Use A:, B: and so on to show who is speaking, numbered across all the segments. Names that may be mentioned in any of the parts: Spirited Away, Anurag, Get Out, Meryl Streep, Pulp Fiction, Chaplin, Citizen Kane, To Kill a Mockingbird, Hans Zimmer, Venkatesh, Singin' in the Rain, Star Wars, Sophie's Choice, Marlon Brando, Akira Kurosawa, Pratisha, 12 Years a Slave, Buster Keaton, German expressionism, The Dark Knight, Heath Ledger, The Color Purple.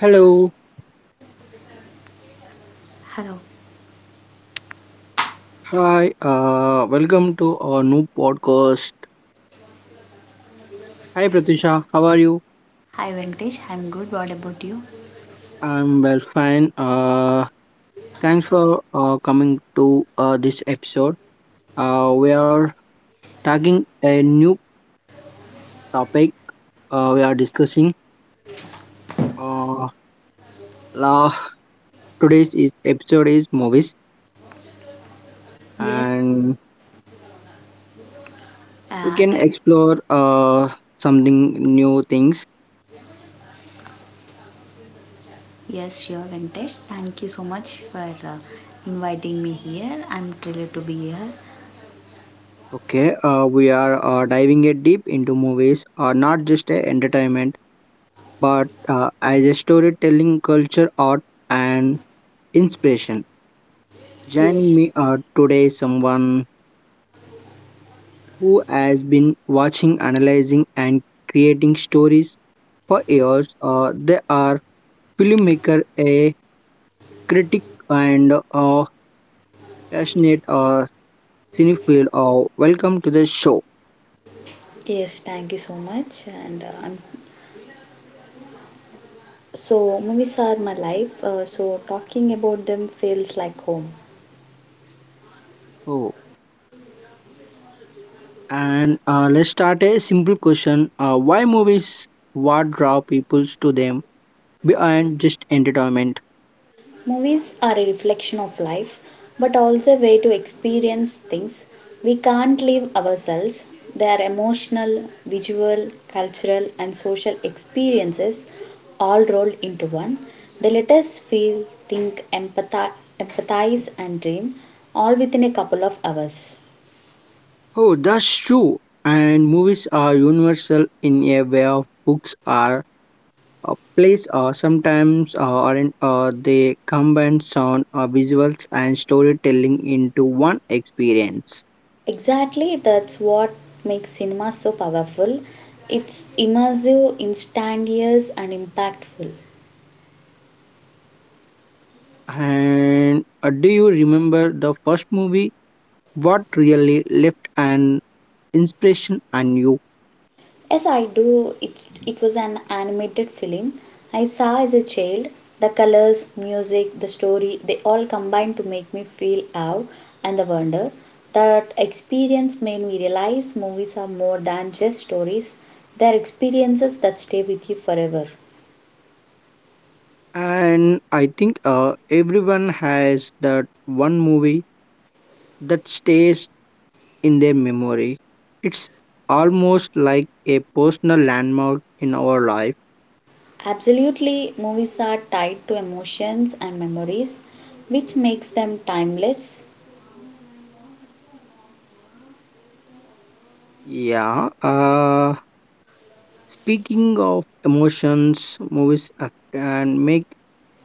A: Hello.
B: Hello.
A: Hi. Welcome to our new podcast. Hi, Pratisha. How are you?
B: Hi Venkatesh, I'm good. What about you?
A: I'm well, fine. Thanks for coming to this episode. We are tagging a new topic. We are discussing. Uh, la- episode is movies,
B: Yes.
A: and we
B: Uh,
A: can
B: thank-
A: explore something new things.
B: yes, sure Venkatesh. Thank you so much for uh, inviting me here. I'm thrilled to be here.
A: Okay. We are diving it deep into movies. Not just a entertainment but as a storytelling culture art and inspiration, joining
B: Yes,
A: me are today someone who has been watching analyzing and creating stories for years, they are filmmaker, a critic, and a passionate cinephile. Welcome to the show.
B: yes, thank you so much. And I'm so movies are my life, so talking about them feels like home.
A: Oh, and let's start a simple question. Why movies, what draw people to them beyond just entertainment?
B: Movies are a reflection of life, but also a way to experience things. We can't live ourselves. They are emotional, visual, cultural, and social experiences all rolled into one. They let us feel, think, empathize and dream, all within a couple of hours.
A: Oh, that's true. And movies are universal in a way of books are. Plays sometimes aren't, they combine sound, visuals, and storytelling into one experience.
B: Exactly, that's what makes cinema so powerful. It's immersive, instantaneous, and impactful.
A: And do you remember the first movie? What really left an impression on you?
B: Yes, I do. It was an animated film I saw as a child. The colors, music, the story, they all combined to make me feel awe and the wonder. That experience made me realize movies are more than just stories, they're experiences that stay with you forever.
A: And I think everyone has that one movie that stays in their memory. It's almost like a personal landmark in our life.
B: Absolutely, movies are tied to emotions and memories, which makes them timeless.
A: Yeah. Speaking of emotions, movies can make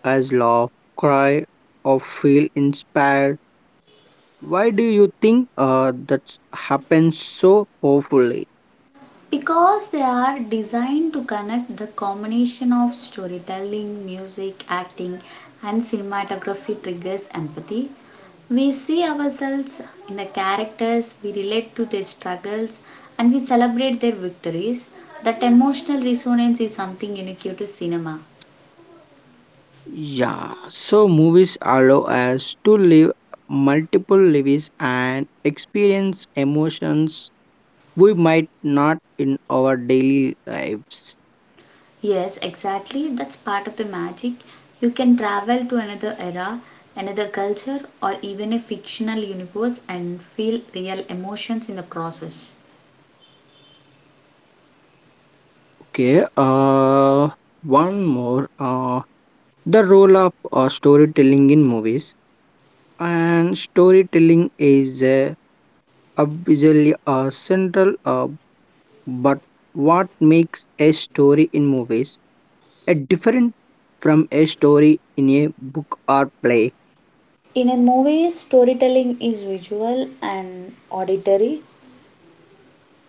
A: us laugh, cry, or feel inspired. Why do you think that happens so powerfully?
B: Because they are designed to connect the combination of storytelling, music, acting, and cinematography triggers empathy. We see ourselves in the characters, we relate to their struggles, and we celebrate their victories. That emotional resonance is something unique to cinema.
A: Yeah, so movies allow us to live multiple lives and experience emotions we might not in our daily lives.
B: Yes, exactly. That's part of the magic. You can travel to another era, another culture, or even a fictional universe and feel real emotions in the process.
A: Okay, one more, the role of storytelling in movies. And storytelling is obviously central, but what makes a story in movies a different from a story in a book or play?
B: In a movie, storytelling is visual and auditory.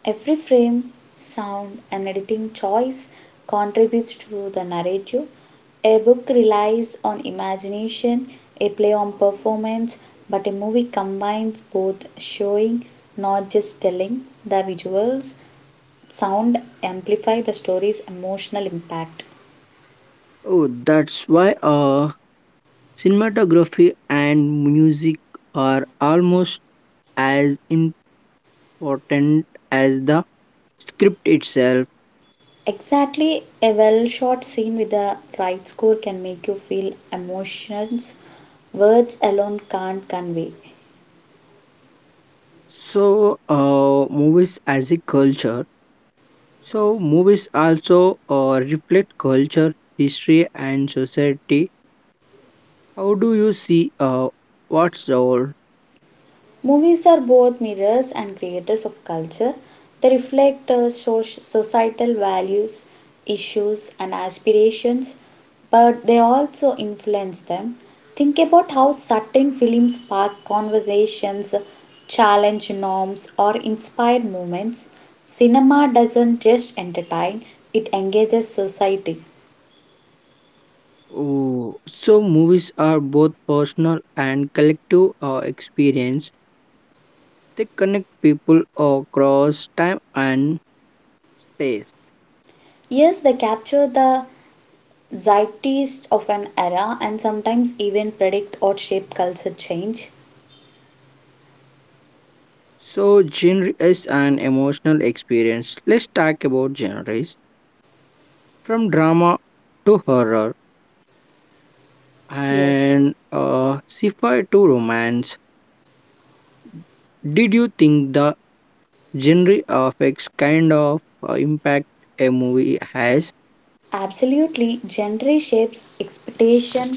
B: Every frame, sound, and editing choice contributes to the narrative. A book relies on imagination, a play on performance, but a movie combines both showing, not just telling. The visuals, sound amplify the story's emotional impact.
A: Oh, that's why cinematography and music are almost as important as the script itself.
B: Exactly, a well shot scene with the right score can make you feel emotions words alone can't convey.
A: So, movies as a culture. So, movies also reflect culture, history, and society. How do you see what's the role?
B: Movies are both mirrors and creators of culture. They reflect societal values, issues, and aspirations, but they also influence them. Think about how certain films spark conversations, challenge norms, or inspire movements. Cinema doesn't just entertain, it engages society.
A: Oh, so movies are both personal and collective experience. They connect people across time and space.
B: Yes, they capture the zeitgeist of an era and sometimes even predict or shape culture change.
A: So genre is an emotional experience. Let's talk about genres. From drama to horror
B: Yes,
A: and sci-fi to romance, did you think the genre affects kind of impact a movie has?
B: absolutely. Gender shapes expectation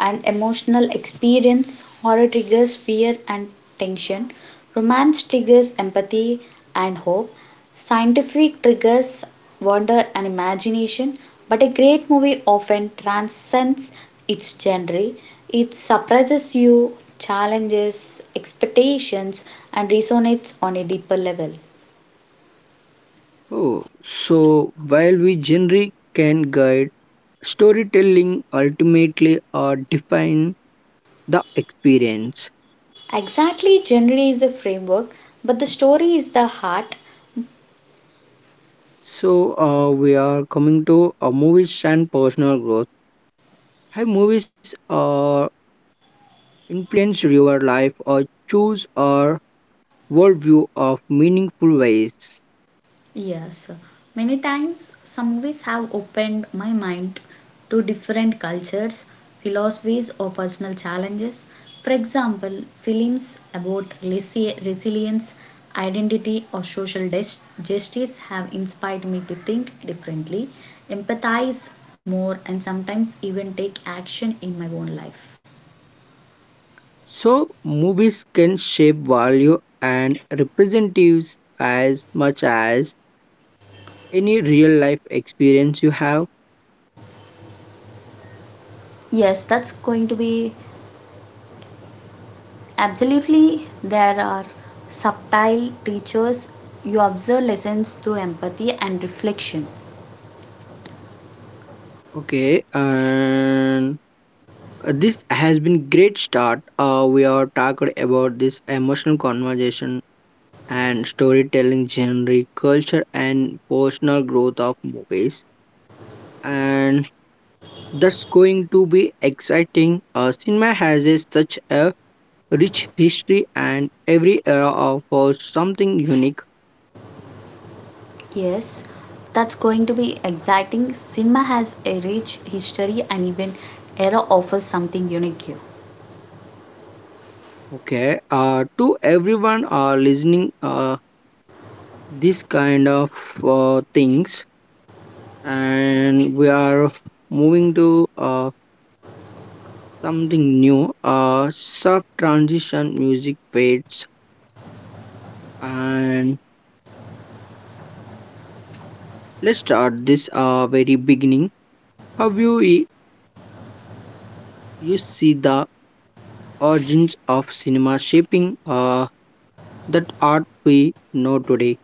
B: and emotional experience. Horror triggers fear and tension. Romance triggers empathy and hope. Scientific triggers wonder and imagination. But a great movie often transcends its genre. It surprises you, challenges expectations, and resonates on a deeper level.
A: Oh, so while we genre can guide storytelling, ultimately define the experience.
B: Exactly, genre is a framework, but the story is the heart.
A: So we are coming to movies and personal growth. Have movies influenced your life or choose or worldview of meaningful ways.
B: Yes, many times some movies have opened my mind to different cultures, philosophies, or personal challenges. For example, films about resilience, identity, or social justice have inspired me to think differently, empathize more, and sometimes even take action in my own life.
A: So, movies can shape value and representatives as much as any real life experience you have.
B: Yes, that's going to be absolutely, there are subtle teachers. You observe lessons through empathy and reflection.
A: Okay, and this has been great start. We are talked about this emotional conversation and storytelling genre, culture, and personal growth of movies. And that's going to be exciting. Cinema has a, such a rich history and every era offers something unique.
B: Yes, that's going to be exciting. Cinema has a rich history, and even era offers something unique here.
A: Okay, to everyone listening, this kind of things, and we are moving to something new, soft transition music fades. And let's start this very beginning, how you you see the origins of cinema shaping that art we know today.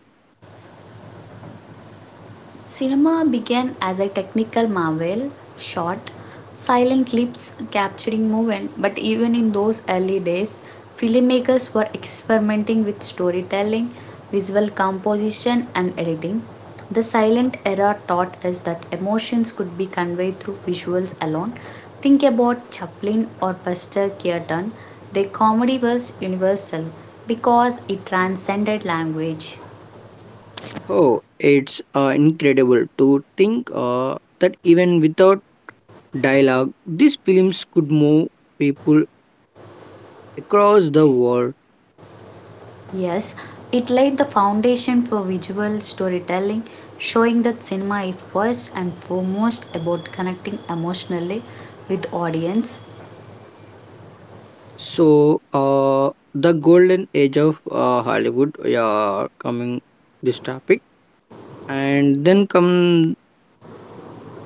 B: Cinema began as a technical marvel, short, silent clips capturing movement, but even in those early days, filmmakers were experimenting with storytelling, visual composition, and editing. The silent era taught us that emotions could be conveyed through visuals alone. Think about Chaplin or Buster Keaton. Their comedy was universal because it transcended language.
A: Oh, it's incredible to think that even without dialogue, these films could move people across the world.
B: Yes, it laid the foundation for visual storytelling, showing that cinema is first and foremost about connecting emotionally with audience.
A: So, the golden age of Hollywood, yeah, coming this topic, and then come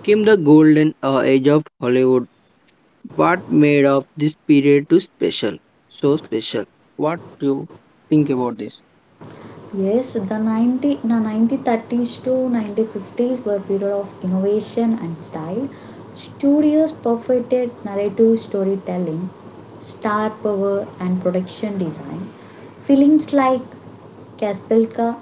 A: came the golden age of Hollywood. What made of this period too special? So special. What do you think about this?
B: Yes, the 90, the 1930s to 1950s were a period of innovation and style. Studios perfected narrative storytelling, star power, and production design. Films like Caspilka,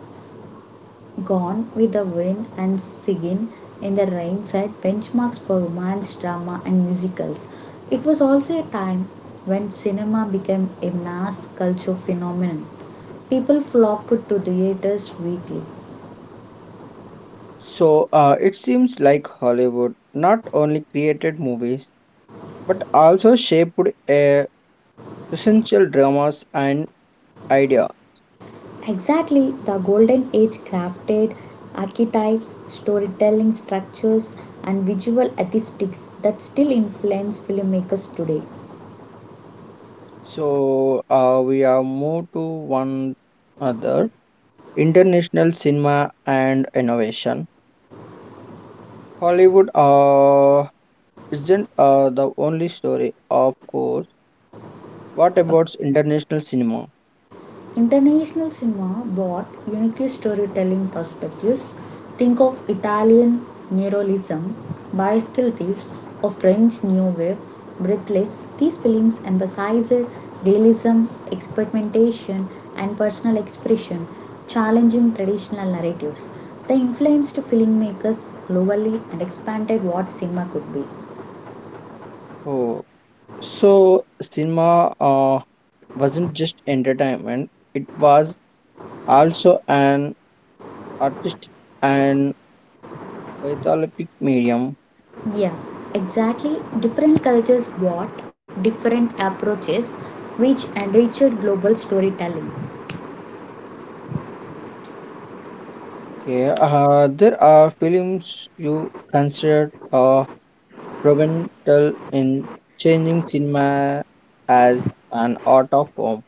B: Gone with the Wind, and Singin' in the Rain set benchmarks for romance, drama, and musicals. It was also a time when cinema became a mass culture phenomenon. People flocked to theaters weekly.
A: So it seems like Hollywood not only created movies but also shaped uh, essential dramas and idea.
B: Exactly, the Golden Age crafted archetypes, storytelling structures, and visual aesthetics that still influence filmmakers today.
A: So we are moved to one other international cinema and innovation. Hollywood isn't the only story, of course. What about international cinema?
B: International cinema brought unique storytelling perspectives. Think of Italian neorealism, Bicycle Thieves, or French New Wave, Breathless. These films emphasized realism, experimentation, and personal expression, challenging traditional narratives. They influenced filmmakers globally and expanded what cinema could be.
A: Oh, so cinema wasn't just entertainment; it was also an artistic and Pytholopic medium.
B: Yeah, exactly. Different cultures brought different approaches, which enriched global storytelling.
A: Okay. There are films you consider provental in changing cinema as an art of form.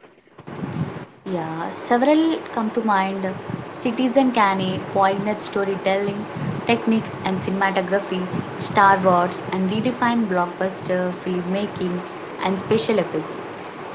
B: Yeah, several come to mind. Citizen Kane, poignant storytelling techniques and cinematography; Star Wars, and redefined blockbuster filmmaking and special effects;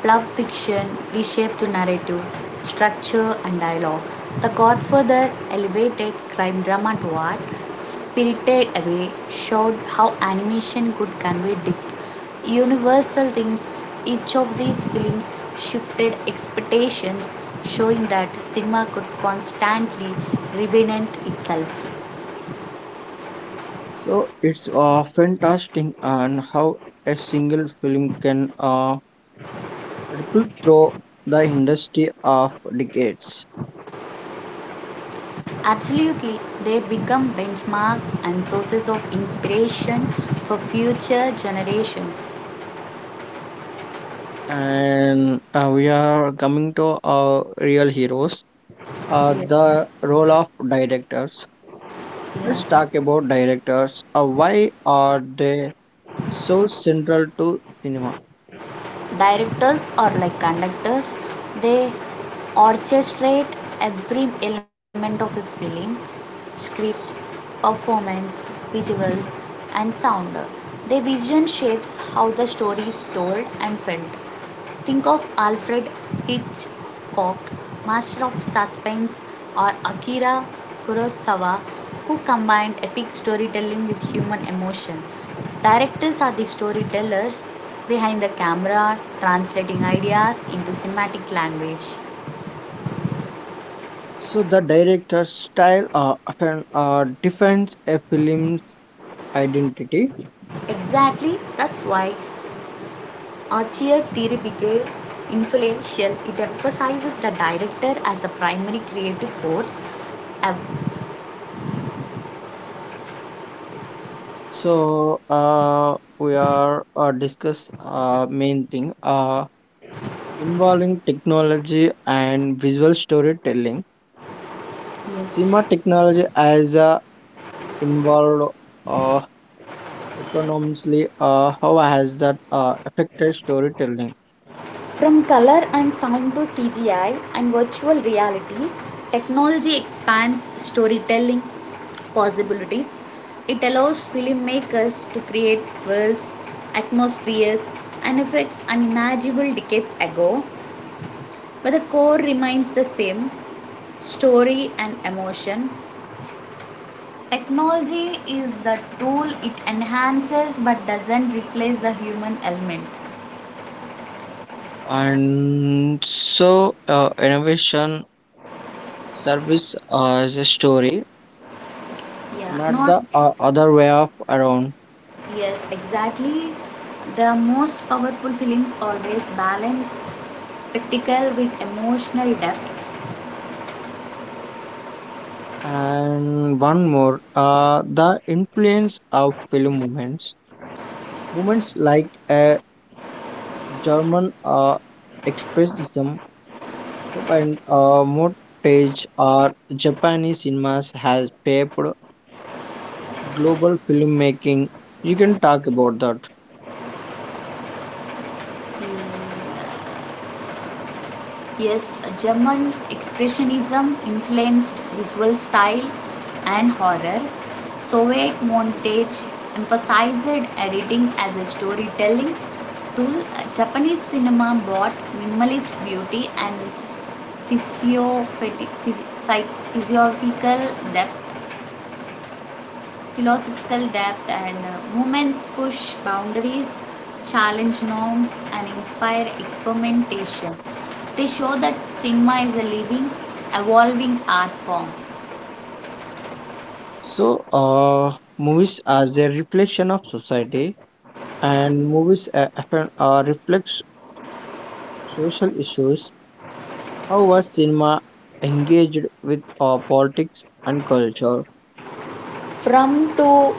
B: Pulp Fiction reshaped the narrative, structure, and dialogue; The Godfather elevated crime drama to art; Spirited Away showed how animation could convey depth, universal themes. Each of these films shifted expectations, showing that cinema could constantly reinvent itself.
A: So it's fantastic and how a single film can ripple through the industry of decades.
B: Absolutely, they become benchmarks and sources of inspiration for future generations.
A: And we are coming to our real heroes,
B: Ye-
A: the role of directors. Let's
B: Yes.
A: talk about directors. Why are they so central to cinema?
B: Directors or like conductors, they orchestrate every element of a film: script, performance, visuals, and sound. Their vision shapes how the story is told and felt. Think of Alfred Hitchcock, master of suspense, or Akira Kurosawa, who combined epic storytelling with human emotion. Directors are the storytellers behind the camera, translating ideas into cinematic language.
A: So the director's style often defines a film's identity.
B: Exactly, that's why Archer theory became influential. It emphasizes the director as a primary creative force.
A: So we are discuss main thing involving technology and visual storytelling.
B: Yes.
A: Cinema technology has involved uh, economically. How has that affected storytelling?
B: From color and sound to CGI and virtual reality, technology expands storytelling possibilities. It allows filmmakers to create worlds, atmospheres, and effects unimaginable decades ago, but the core remains the same story and emotion. Technology is the tool, it enhances but doesn't replace the human element.
A: And so, innovation service is a story,
B: Yeah,
A: not
B: not
A: the other way up around.
B: Yes, exactly. The most powerful films always balance spectacle with emotional depth.
A: And one more, the influence of film movements, movements like German expressionism so, and montage or Japanese cinemas has shaped global filmmaking. You can talk about that.
B: Mm, Yes, German expressionism influenced visual style and horror. Soviet montage emphasized editing as a storytelling tool. Japanese cinema brought minimalist beauty and physio- physio- physiographical depth, philosophical depth, and movements push boundaries, challenge norms, and inspire experimentation. They show that cinema is a living, evolving art form.
A: So, movies as a reflection of society and movies often reflects social issues. How was cinema engaged with politics and culture?
B: From To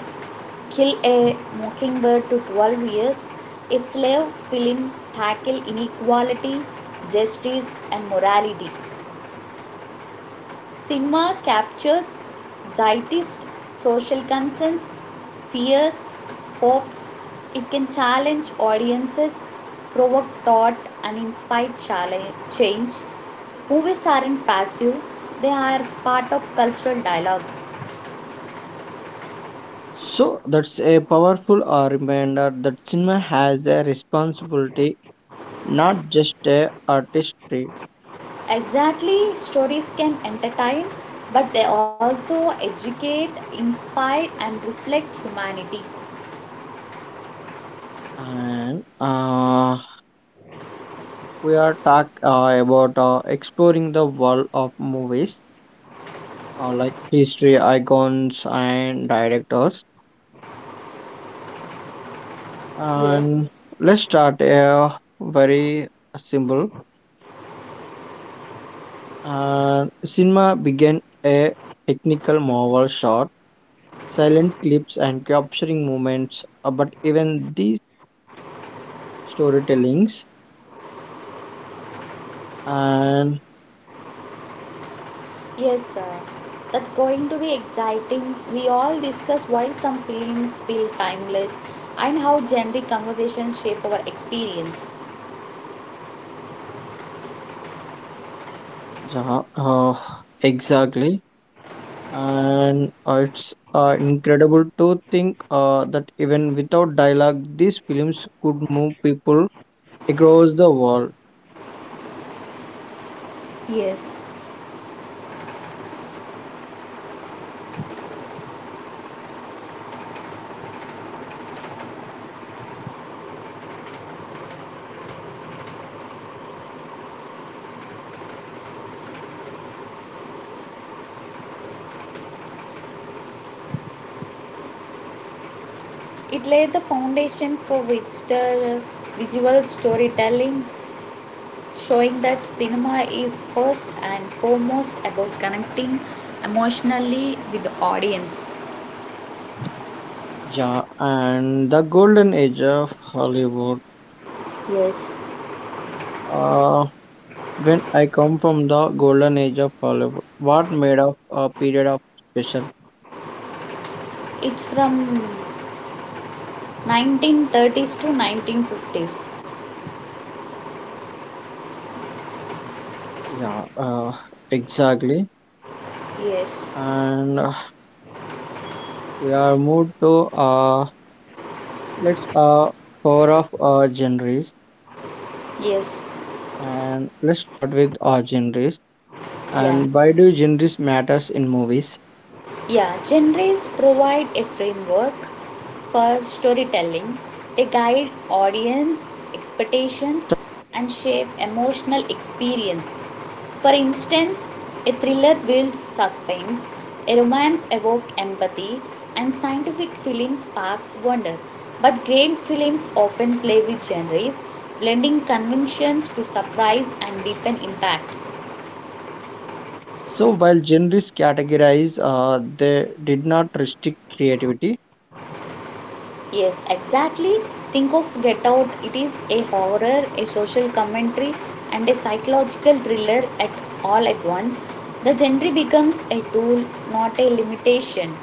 B: Kill a Mockingbird to 12 Years its Slave, film tackle inequality, justice, and morality. Cinema captures zeitgeist social concerns, fears, hopes. It can challenge audiences, provoke thought, and inspire change. Movies aren't passive, they are part of cultural dialogue.
A: So that's a powerful reminder that cinema has a responsibility, not just a artistry.
B: Exactly, stories can entertain, but they also educate, inspire, and reflect humanity.
A: And we are talk about exploring the world of movies, like history, icons, and directors.
B: Yes,
A: And let's start a very simple. Cinema began a technical marvel shot, silent clips, and capturing moments. But even these storytellings, and
B: yes, sir. That's going to be exciting. We all discuss why some films feel timeless and how generic conversations shape our experience.
A: yeah, exactly, and it's incredible to think that even without dialogue, these films could move people across the world.
B: Yes, it laid the foundation for Witcher visual storytelling, showing that cinema is first and foremost about connecting emotionally with the audience.
A: Yeah, and the golden age of Hollywood.
B: Yes,
A: Uh, When I come from the golden age of Hollywood, what made of a period of special?
B: it's from 1930s to 1950s.
A: Yeah, exactly.
B: Yes,
A: And we are moved to let's power of genres,
B: yes,
A: and let's start with our genres.
B: yeah.
A: And why do genres matters in movies?
B: Yeah, genres provide a framework for storytelling. They guide audience expectations and shape emotional experience. For instance, a thriller builds suspense, a romance evokes empathy, and scientific film sparks wonder. But great films often play with genres, blending conventions to surprise and deepen impact.
A: So while genres categorize, they did not restrict creativity.
B: Yes, exactly. Think of Get Out. It is a horror, a social commentary, and a psychological thriller at all at once. The genre becomes a tool, not a limitation.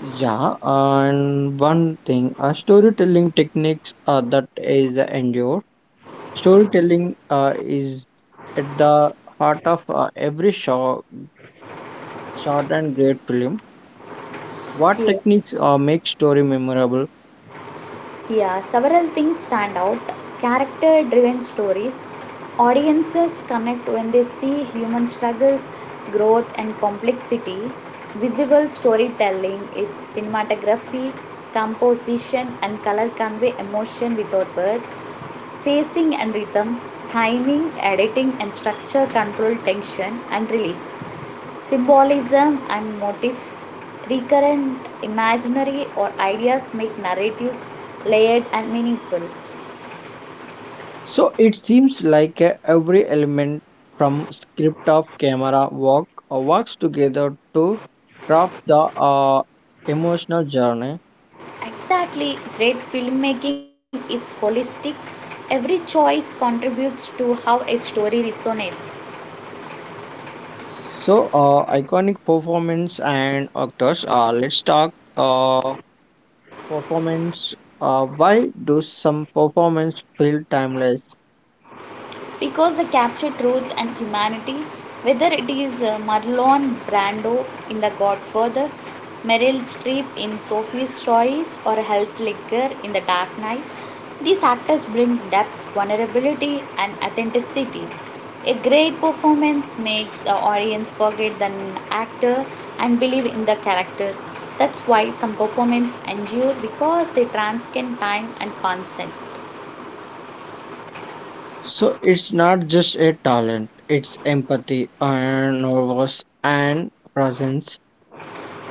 A: Yeah, and one thing, storytelling techniques that is endure. Storytelling is at the heart of every short and great film. What
B: Yes.
A: techniques make story memorable?
B: Yeah, several things stand out. Character driven stories. Audiences connect when they see human struggles, growth, and complexity. Visual storytelling, its cinematography, composition, and color convey emotion without words. Phasing and rhythm, timing, editing, and structure control tension and release. Symbolism and motifs, recurrent imaginary or ideas make narratives layered and meaningful.
A: So it seems like every element from script of camera work works together to craft the emotional journey.
B: Exactly, great filmmaking is holistic. Every choice contributes to how a story resonates.
A: So iconic performance and actors. Let's talk uh, performance. Why do some performance feel timeless?
B: Because they capture truth and humanity, whether it is Marlon Brando in The Godfather, Meryl Streep in Sophie's Choice, or Heath Ledger in The Dark Knight. These actors bring depth, vulnerability, and authenticity. A great performance makes the audience forget the actor and believe in the character. That's why some performances endure, because they transcend time and concept.
A: So it's not just a talent, it's empathy and nervous and presence.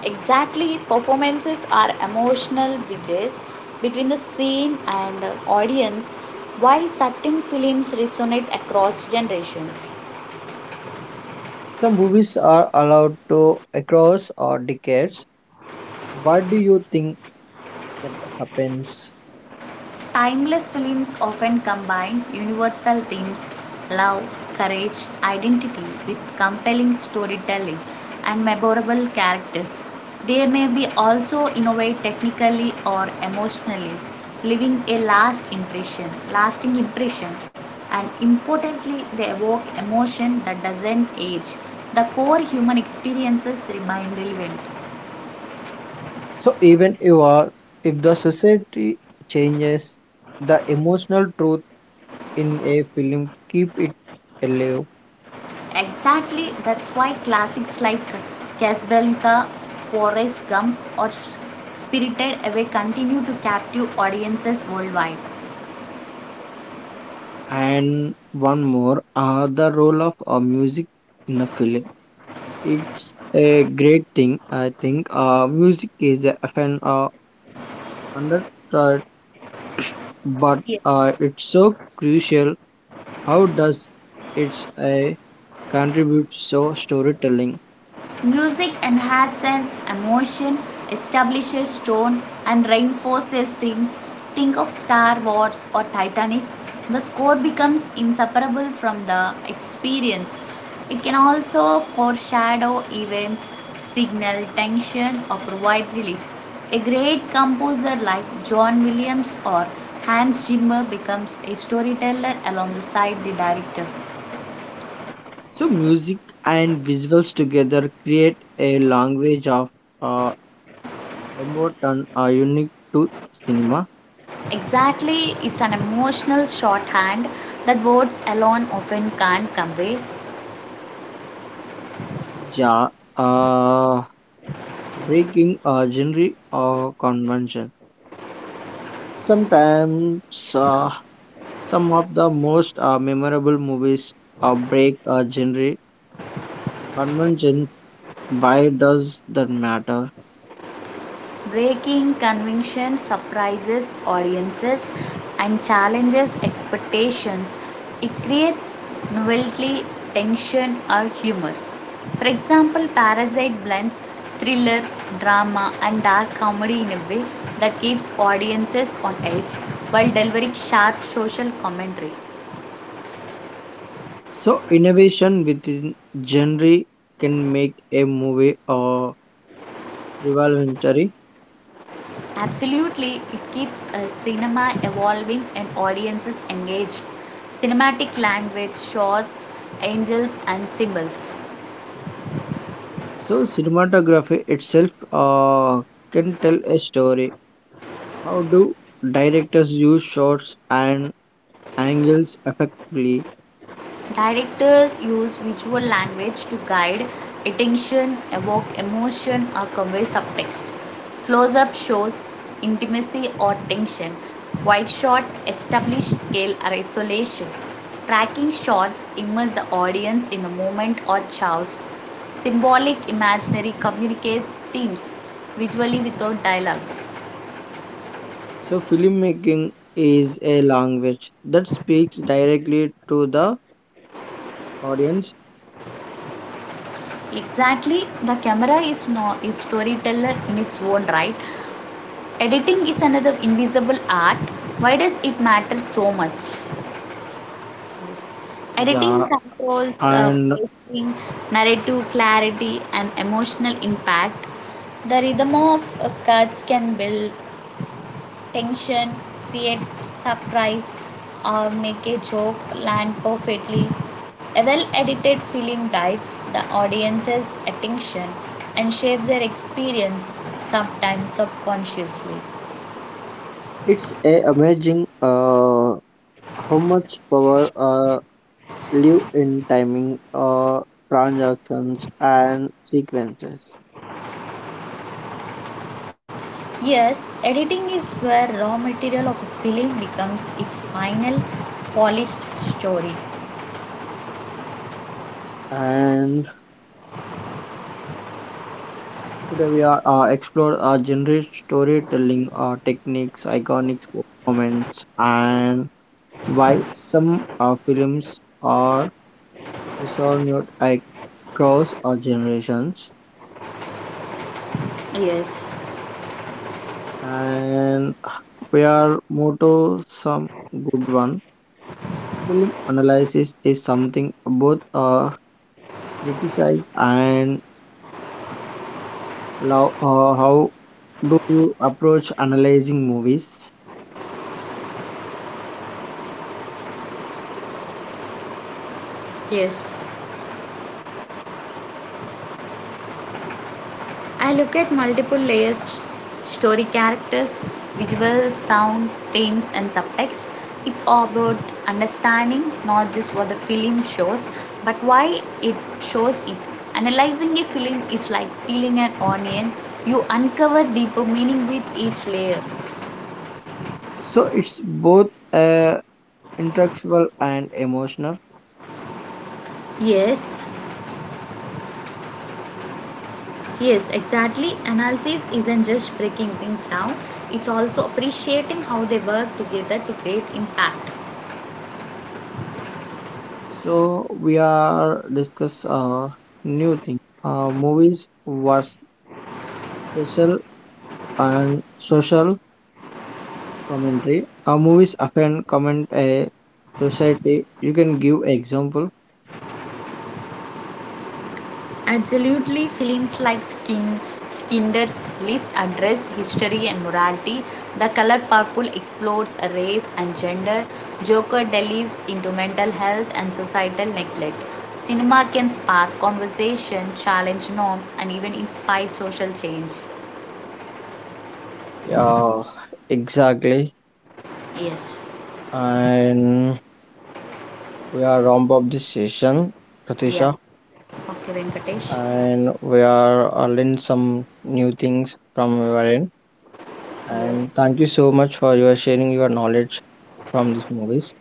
B: Exactly, performances are emotional bridges between the scene and audience, why certain films resonate across generations.
A: Some movies are allowed to across or decades. What do you think that happens?
B: Timeless films often combine universal themes, love, courage, identity, with compelling storytelling and memorable characters. They may be also innovate technically or emotionally, leaving lasting impression, and importantly, they evoke emotion that doesn't age. The core human experiences remain relevant.
A: So even if the society changes, the emotional truth in a film keep it alive.
B: Exactly, that's why classics like Casablanca, Forrest Gump, or Spirited Away continue to captivate audiences worldwide.
A: And one more, the role of music in the film. It's a great thing, I think. Music is often underrated, but
B: Yes.
A: it's so crucial. How does it's a contribute so storytelling?
B: Music enhances emotion, establishes tone, and reinforces themes. Think of Star Wars or Titanic. The score becomes inseparable from the experience. It can also foreshadow events, signal tension, or provide relief. A great composer like John Williams or Hans Zimmer becomes a storyteller alongside the director.
A: So music and visuals together create a language of uh, emotion unique to cinema.
B: Exactly, it's an emotional shorthand that words alone often can't convey,
A: Yeah. uh, Breaking genre convention. Sometimes uh, some of the most memorable movies break a genre convention. Why does that matter?
B: breaking conventions, surprises audiences, and challenges expectations. It creates novelty, tension, or humor. For example, Parasite blends thriller, drama, and dark comedy in a way that keeps audiences on edge while delivering sharp social commentary.
A: So, innovation within genre can make a movie revolutionary.
B: Absolutely, it keeps cinema evolving and audiences engaged. Cinematic language shows angels and symbols.
A: So, cinematography itself can tell a story. How do directors use shots and angles effectively?
B: Directors use visual language to guide attention, evoke emotion, or convey subtext. Close up shows intimacy or tension. Wide shot establishes scale or isolation. Tracking shots immerse the audience in a moment or chaos. Symbolic imaginary communicates themes visually without dialogue.
A: So, filmmaking is a language that speaks directly to the audience.
B: Exactly, the camera is no is storyteller in its own right. Editing is another invisible art. Why does it matter so much? So, editing
A: Yeah,
B: controls
A: and
B: pacing, narrative clarity, and emotional impact. The rhythm of cuts can build tension, create surprise, or make a joke land perfectly. A well edited film guides the audience's attention and shapes their experience, sometimes subconsciously.
A: it's a amazing how much power live in timing transactions and sequences.
B: Yes, editing is where raw material of a film becomes its final polished story.
A: And today we are explore generic storytelling techniques iconic performance and why some films are resonated across generations.
B: Yes,
A: And we are more to some good one. Film analysis is something both criticize and love. How do you approach analyzing movies?
B: yes. I look at multiple layers, story, characters, visual, sound, themes, and subtext. It's all about understanding not just what the film shows, but why it shows it. Analyzing a film is like peeling an onion, you uncover deeper meaning with each layer.
A: So it's both intellectual and emotional.
B: Yes, yes, exactly. Analysis isn't just breaking things down, it's also appreciating how they work together to create impact.
A: So we are discuss new thing. Movies were special and social commentary. Movies often comment a society. You can give example.
B: Absolutely, films like Skinder's List address history and morality. The Color Purple explores race and gender. Joker delves into mental health and societal neglect. Cinema can spark conversation, challenge norms, and even inspire social change.
A: Yeah, exactly.
B: Yes.
A: And we are Rombop this session,
B: Yeah.
A: Pratisha,
B: Okay, Venkatesh.
A: and we are learning some new things from your end.
B: Yes.
A: And thank you so much for your sharing your knowledge from these movies.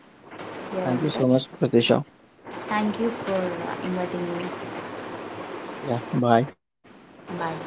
B: Here,
A: Thank you so
B: Anurag.
A: much, Pratisha.
B: Thank you for inviting me.
A: Yeah, bye.
B: Bye.